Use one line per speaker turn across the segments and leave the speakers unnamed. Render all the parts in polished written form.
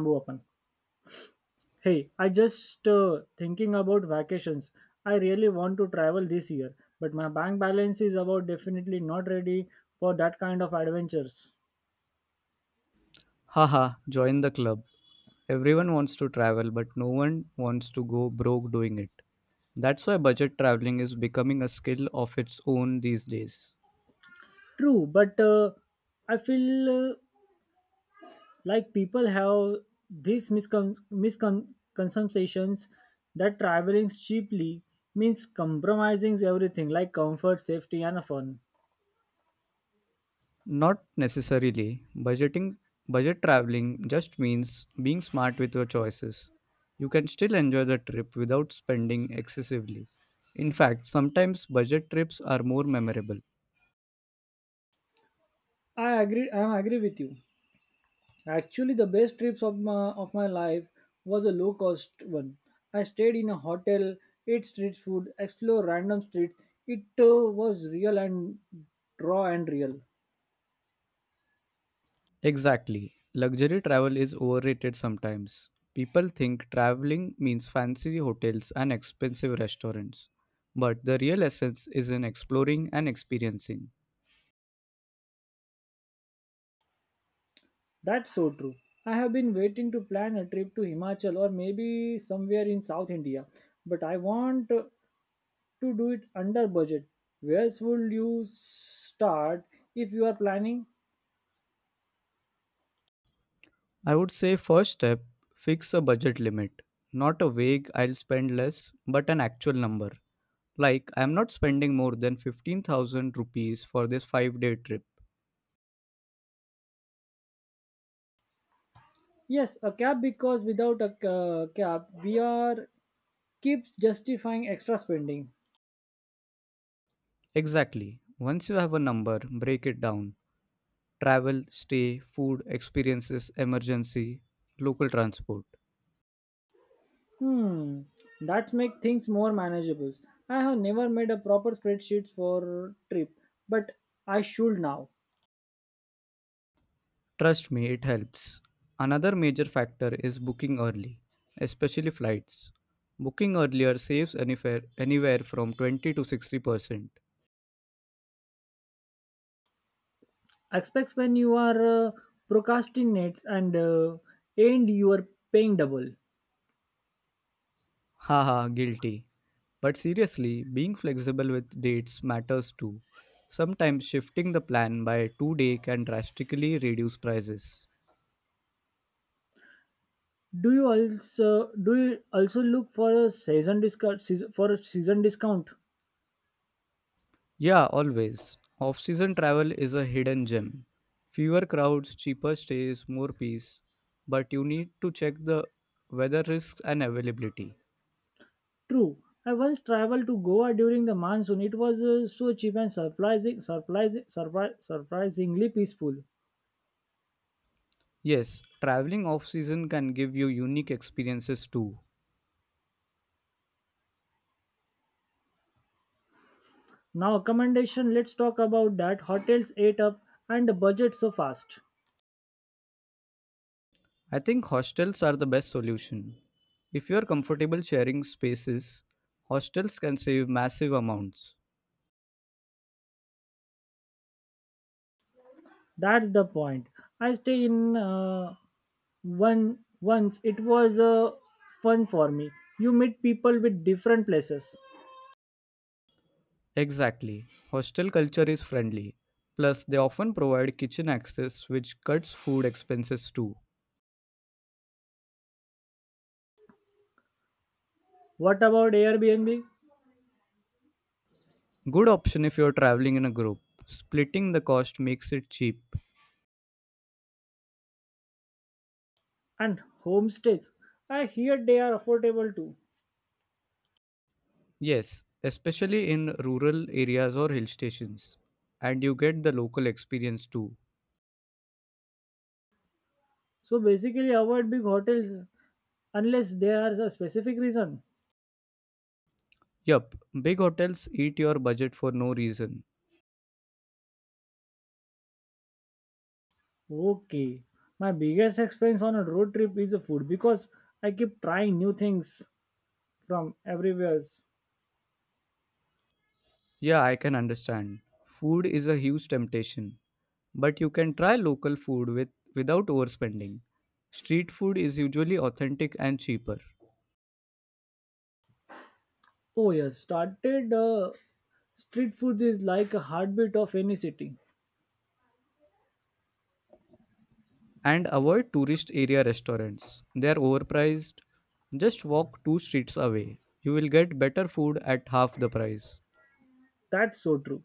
Bamboo open. Hey, I just thinking about vacations. I really want to travel this year, but my bank balance is about definitely not ready for that kind of adventures.
Haha, join the club. Everyone wants to travel, but no one wants to go broke doing it. That's why budget traveling is becoming a skill of its own these days.
True, but I feel like people have these misconceptions that traveling cheaply means compromising everything like comfort, safety, and fun.
Not necessarily. Budget traveling just means being smart with your choices. You can still enjoy the trip without spending excessively. In fact, sometimes budget trips are more memorable.
I agree. I agree with you. Actually, the best trips of my life was a low cost one. I stayed in a hotel, ate street food, explored random streets. It was real and raw and real.
Exactly. Luxury travel is overrated sometimes. People think traveling means fancy hotels and expensive restaurants. But the real essence is in exploring and experiencing.
That's so true. I have been waiting to plan a trip to Himachal or maybe somewhere in South India, but I want to do it under budget. Where should you start if you are planning?
I would say first step, fix a budget limit. Not a vague I'll spend less, but an actual number. Like I'm not spending more than 15,000 rupees for this 5-day trip.
Yes, a cab because without a cab we are keeps justifying extra spending.
Exactly. Once you have a number, break it down. Travel, stay, food, experiences, emergency, local transport.
Hmm, that makes things more manageable. I have never made a proper spreadsheet for trip, but I should now.
Trust me, it helps. Another major factor is booking early, especially flights. Booking earlier saves anywhere from 20 to 60%.
Expects when you are procrastinates and and you are paying double.
Haha, guilty. But seriously, being flexible with dates matters too. Sometimes shifting the plan by 2 day can drastically reduce prices.
Do you also look for a season discount season, for a season discount?
Yeah, always. Off season travel is a hidden gem. Fewer crowds, cheaper stays, more peace. But you need to check the weather risks and availability.
True. I once traveled to Goa during the monsoon. It was so cheap and surprisingly peaceful.
Yes, traveling off season can give you unique experiences too.
Now, accommodation, let's talk about that. Hotels ate up and the budget so fast.
I think hostels are the best solution. If you are comfortable sharing spaces, hostels can save massive amounts.
That's the point. I stay in one once. It was fun for me. You meet people with different places.
Exactly. Hostel culture is friendly. Plus, they often provide kitchen access, which cuts food expenses too.
What about Airbnb
Good option if you're traveling in a group. Splitting the cost makes it cheap.
and homestays? I hear they are affordable too.
Yes, especially in rural areas or hill stations. And you get the local experience too.
So basically, avoid big hotels unless there is a specific reason.
Yup, big hotels eat your budget for no reason.
Okay, my biggest expense on a road trip is the food because I keep trying new things from everywhere.
Yeah, I can understand. Food is a huge temptation, but you can try local food without overspending. Street food is usually authentic and cheaper.
Oh yes, started street food is like a heartbeat of any city.
And avoid tourist area restaurants. They are overpriced. Just walk two streets away. You will get better food at half the price.
That's so true.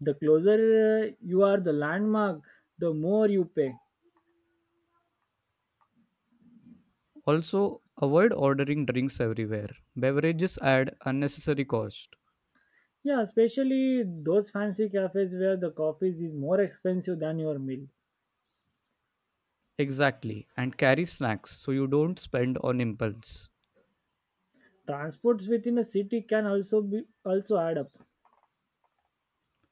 The closer you are the landmark, the more you pay.
Also, avoid ordering drinks everywhere. Beverages add unnecessary cost.
Yeah, especially those fancy cafes where the coffee is more expensive than your meal.
Exactly, and carry snacks so you don't spend on impulse.
Transports within a city can also be also add up.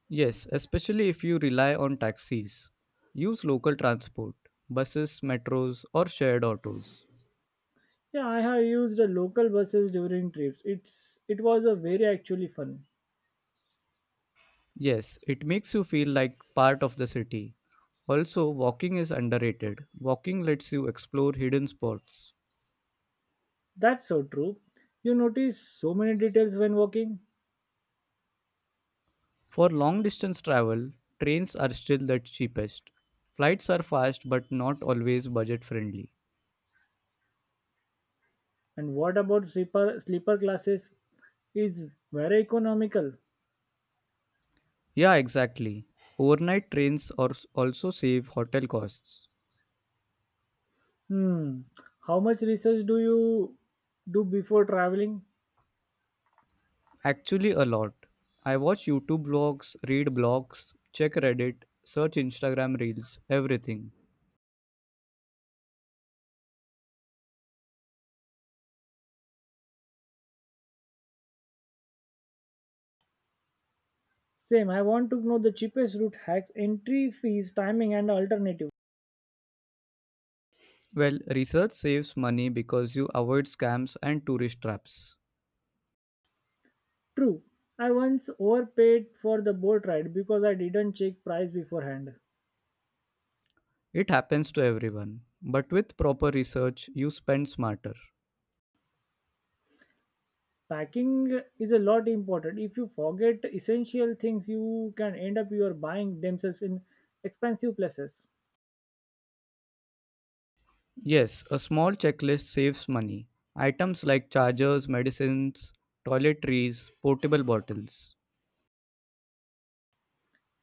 Yes, especially if you rely on taxis. Use local transport, buses, metros, or shared autos.
Yeah, I have used the local buses during trips. It was a very actually fun.
Yes, it makes you feel like part of the city. Also, walking is underrated. Walking lets you explore hidden spots.
That's so true. You notice so many details when walking.
For long distance travel, trains are still the cheapest. Flights are fast but not always budget friendly.
And what about sleeper classes? It's very economical.
Yeah, exactly. Overnight trains are also save hotel costs.
Hmm. How much research do you do before traveling?
Actually, a lot. I watch YouTube blogs, read blogs, check Reddit, search Instagram reels, everything.
Same. I want to know the cheapest route hacks, entry fees, timing, and alternative.
Well, research saves money because you avoid scams and tourist traps.
True. I once overpaid for the boat ride because I didn't check price beforehand.
It happens to everyone, but with proper research, you spend smarter.
Packing is a lot important. If you forget essential things, you can end up your buying themselves in expensive places.
Yes, a small checklist saves money. Items like chargers, medicines, toiletries, portable bottles.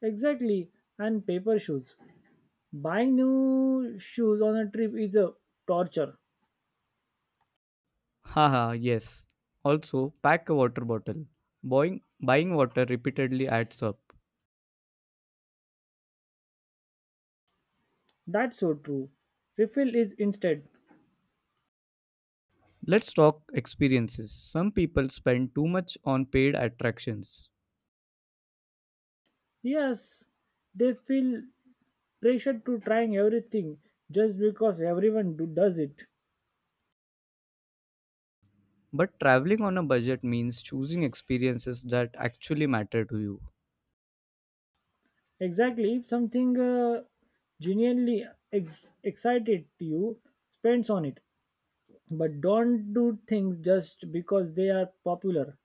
Exactly. And paper shoes. Buying new shoes on a trip is a torture.
Haha, yes. Also, pack a water bottle. Buying water repeatedly adds up.
That's so true. Refill is instead.
Let's talk experiences. Some people spend too much on paid attractions.
Yes, they feel pressured to trying everything just because everyone do, does it.
But traveling on a budget means choosing experiences that actually matter to you.
Exactly. If something genuinely excited you, spends on it. But don't do things just because they are popular.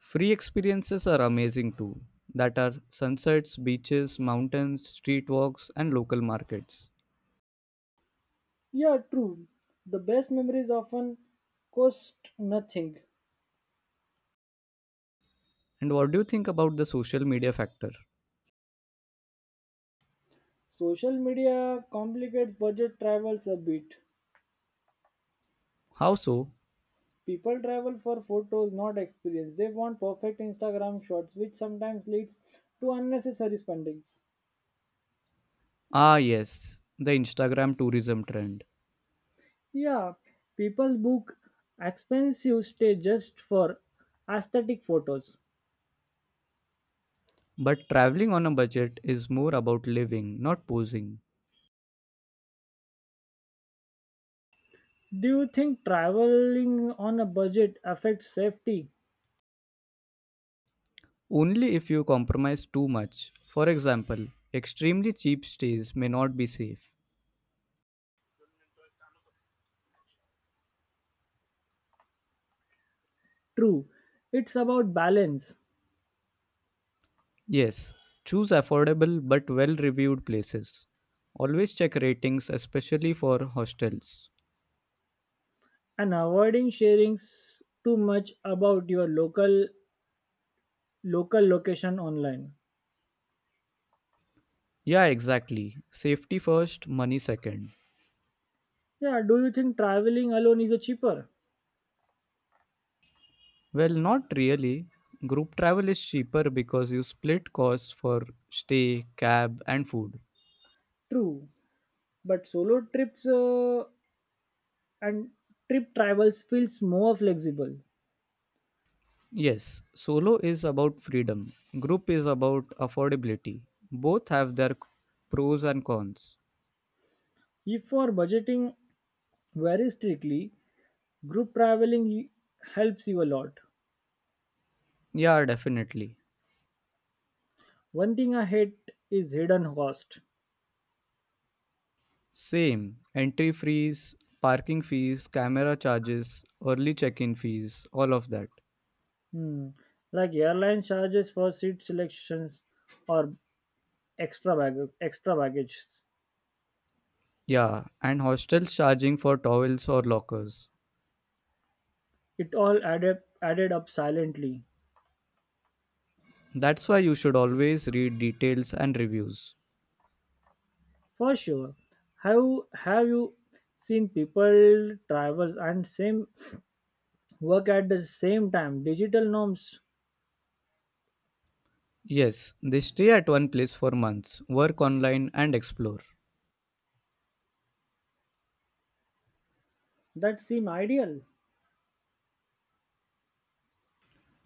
Free experiences are amazing too, that are sunsets, beaches, mountains, street walks, and local markets.
Yeah, true. The best memories often cost nothing.
And what do you think about the social media factor?
Social media complicates budget travels a bit.
How so?
People travel for photos, not experience. They want perfect Instagram shots, which sometimes leads to unnecessary spendings.
Ah, yes, the Instagram tourism trend.
Yeah, people book expensive stay just for aesthetic photos.
But traveling on a budget is more about living, not posing.
Do you think traveling on a budget affects safety?
Only if you compromise too much. For example, extremely cheap stays may not be safe.
True, it's about balance
Yes, choose affordable but well reviewed places. Always check ratings, especially for hostels.
and avoiding sharing too much about your local location online.
Yeah, exactly. Safety first, money second.
Yeah, do you think traveling alone is a cheaper?
Well, not really. Group travel is cheaper because you split costs for stay, cab, and food.
True, but solo trips and trip travels feels more flexible.
Yes, solo is about freedom, group is about affordability. Both have their pros and cons.
If for budgeting very strictly, group traveling helps you a lot.
Yeah, definitely.
One thing I hate is hidden cost.
Same. Entry fees, parking fees, camera charges, early check in fees, all of that.
Hmm. Like airline charges for seat selections or extra bag extra baggage.
Yeah, and hostels charging for towels or lockers.
It all added up silently.
That's why you should always read details and reviews.
For sure. Have have you seen people travel and same work at the same time? Digital norms
Yes, they stay at one place for months, work online, and explore.
that seem ideal.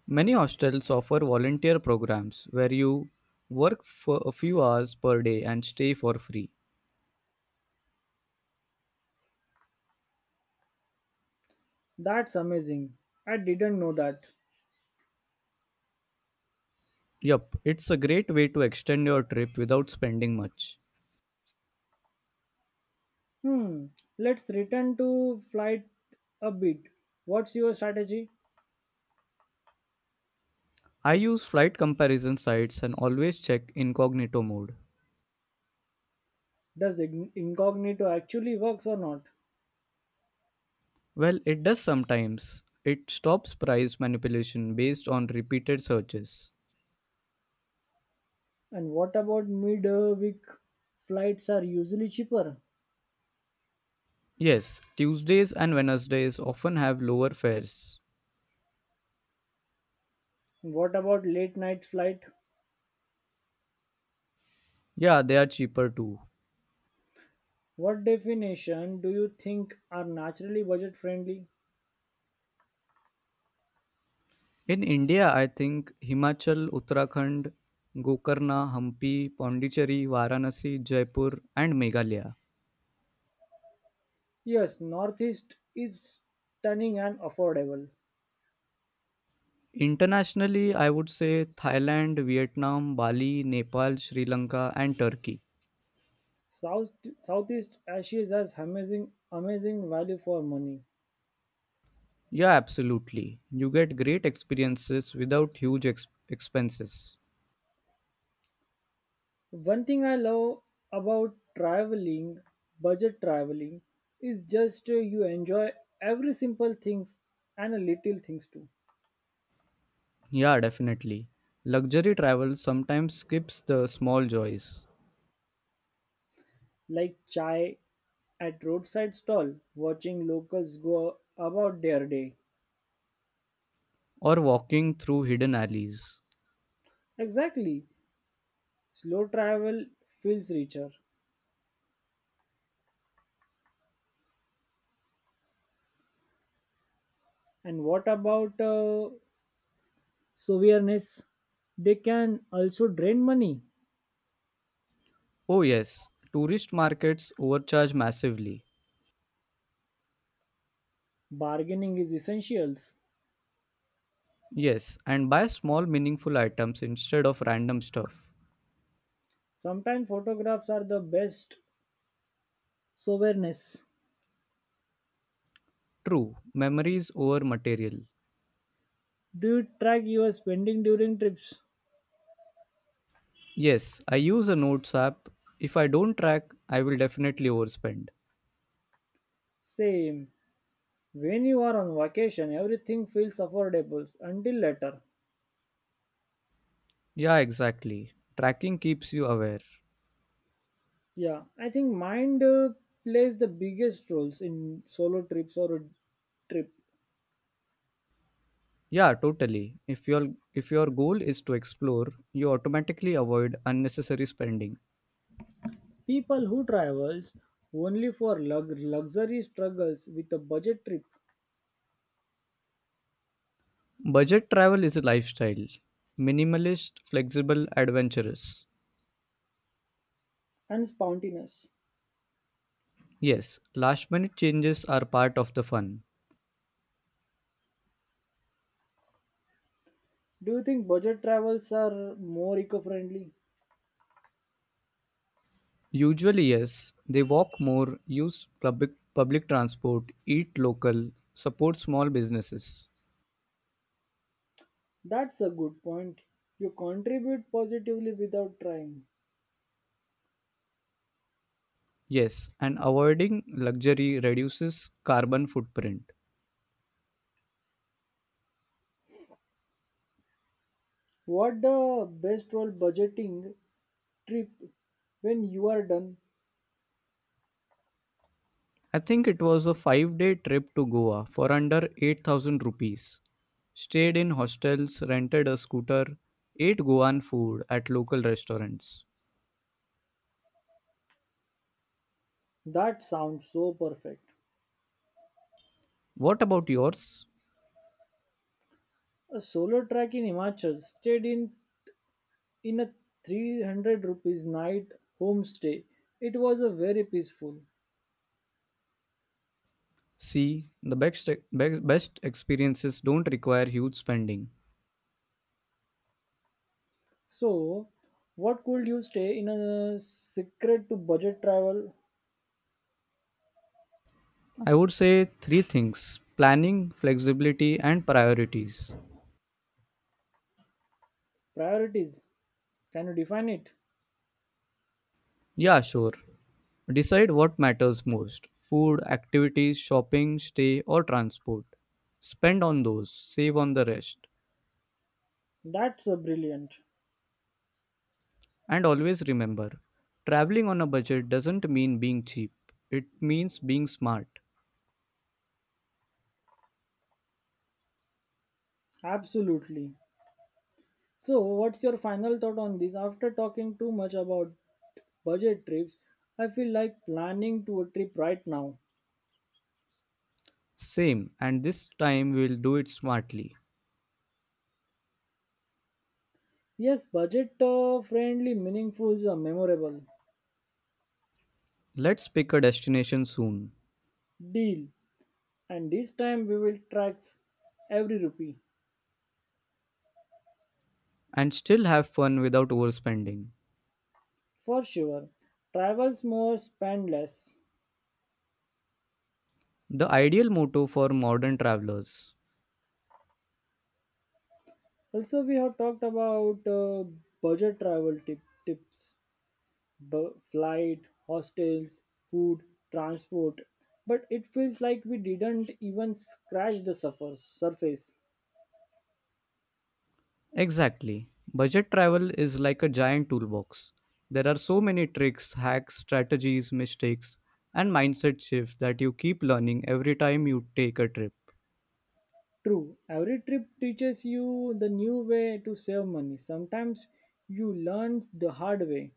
Many hostels offer volunteer programs where you work for a few hours per day and stay for free.
That's amazing. I didn't know that.
Yup, it's a great way to extend your trip without spending much.
Hmm. Let's return to flight a bit. What's your strategy?
I use flight comparison sites and always check incognito mode.
Does incognito actually works or not?
Well, it does sometimes. It stops price manipulation based on repeated searches.
And what about mid-week flights are usually cheaper?
Yes, Tuesdays and Wednesdays often have lower fares.
What about late night flight?
Yeah, they are cheaper too.
What definition do you think are naturally budget friendly?
In India, I think Himachal, Uttarakhand, Gokarna, Hampi, Pondicherry, Varanasi, Jaipur, and Meghalaya.
Yes, Northeast is stunning and affordable.
Internationally, I would say Thailand, Vietnam, Bali, Nepal, Sri Lanka, and Turkey.
South Southeast Asia has amazing value for money.
Yeah, absolutely. You get great experiences without huge expenses.
One thing I love about traveling, budget traveling, is just you enjoy every simple things and a little things too,
Yeah, definitely. Luxury travel sometimes skips the small joys
like chai at roadside stall, watching locals go about their day.
or walking through hidden alleys.
Exactly. Slow travel feels richer. And what about souvenirs? They can also drain money.
Oh, yes, tourist markets overcharge massively.
Bargaining is essentials.
Yes, and buy small meaningful items instead of random stuff.
Sometimes photographs are the best souvenirs.
True, memories over material.
Do you track your spending during trips?
Yes, I use a notes app. If I don't track, I will definitely overspend.
Same. When you are on vacation, everything feels affordable until later.
Yeah, exactly. Tracking keeps you aware.
Yeah, I think mind plays the biggest roles in solo trips or a trip.
Yeah, totally. If your goal is to explore, you automatically avoid unnecessary spending.
People who travels only for luxury struggles with a budget trip
Budget travel is a lifestyle. Minimalist, flexible, adventurous.
and spontaneous.
Yes, last minute changes are part of the fun.
Do you think budget travels are more eco-friendly?
Usually, yes, they walk more, use public transport, eat local, support small businesses.
That's a good point. You contribute positively without trying.
Yes, and avoiding luxury reduces carbon footprint.
What the best role budgeting trip when you are done?
I think it was a 5-day trip to Goa for under 8,000 rupees. Stayed in hostels, rented a scooter, ate Goan food at local restaurants.
That sounds so perfect.
What about yours?
A solo trek in Himachal stayed in a 300 rupees night homestay. It was a very peaceful.
See, the best experiences don't require huge spending.
So, what could you stay in a secret to budget travel
I would say three things planning, flexibility, and priorities.
priorities? Can you define it?
Yeah, sure. Decide what matters most food, activities, shopping, stay, or transport. Spend on those, save on the rest.
That's a brilliant.
And always remember, traveling on a budget doesn't mean being cheap. It means being smart.
Absolutely. So, what's your final thought on this? After talking too much about budget trips, I feel like planning to a trip right now.
Same, and this time we'll do it smartly.
Yes, budget friendly, meaningful, memorable.
Let's pick a destination soon
Deal. And this time we will track every rupee.
and still have fun without overspending.
For sure. Travel more, spend less.
The ideal motto for modern travelers.
Also, we have talked about budget travel tips, flight, hostels, food, transport, but it feels like we didn't even scratch the surface.
Exactly. Budget travel is like a giant toolbox. There are so many tricks, hacks, strategies, mistakes, and mindset shifts that you keep learning every time you take a trip.
True, every trip teaches you the new way to save money. Sometimes you learn the hard way.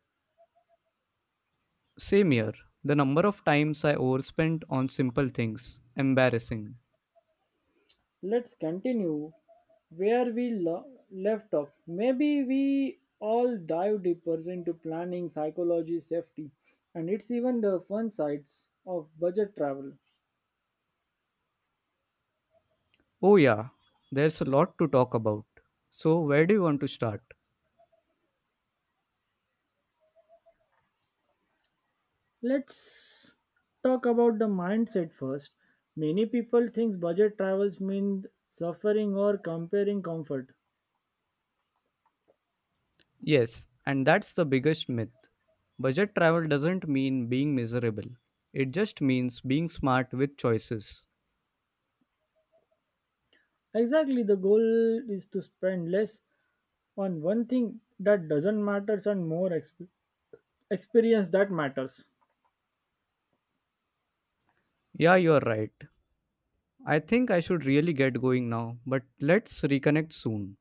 Same here. The number of times I overspent on simple things. Embarrassing.
Let's continue where we left off. Maybe we all dive deeper into planning, psychology, safety, and it's even the fun sides of budget travel.
Oh, yeah, there's a lot to talk about. So, where do you want to start?
Let's talk about the mindset first. Many people think budget travels mean suffering or comparing comfort.
Yes, and that's the biggest myth. Budget travel doesn't mean being miserable, it just means being smart with choices.
Exactly, the goal is to spend less on one thing that doesn't matter and more experience that matters.
Yeah, you're right. I think I should really get going now, but let's reconnect soon.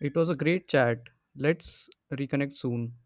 It was a great chat. Let's reconnect soon.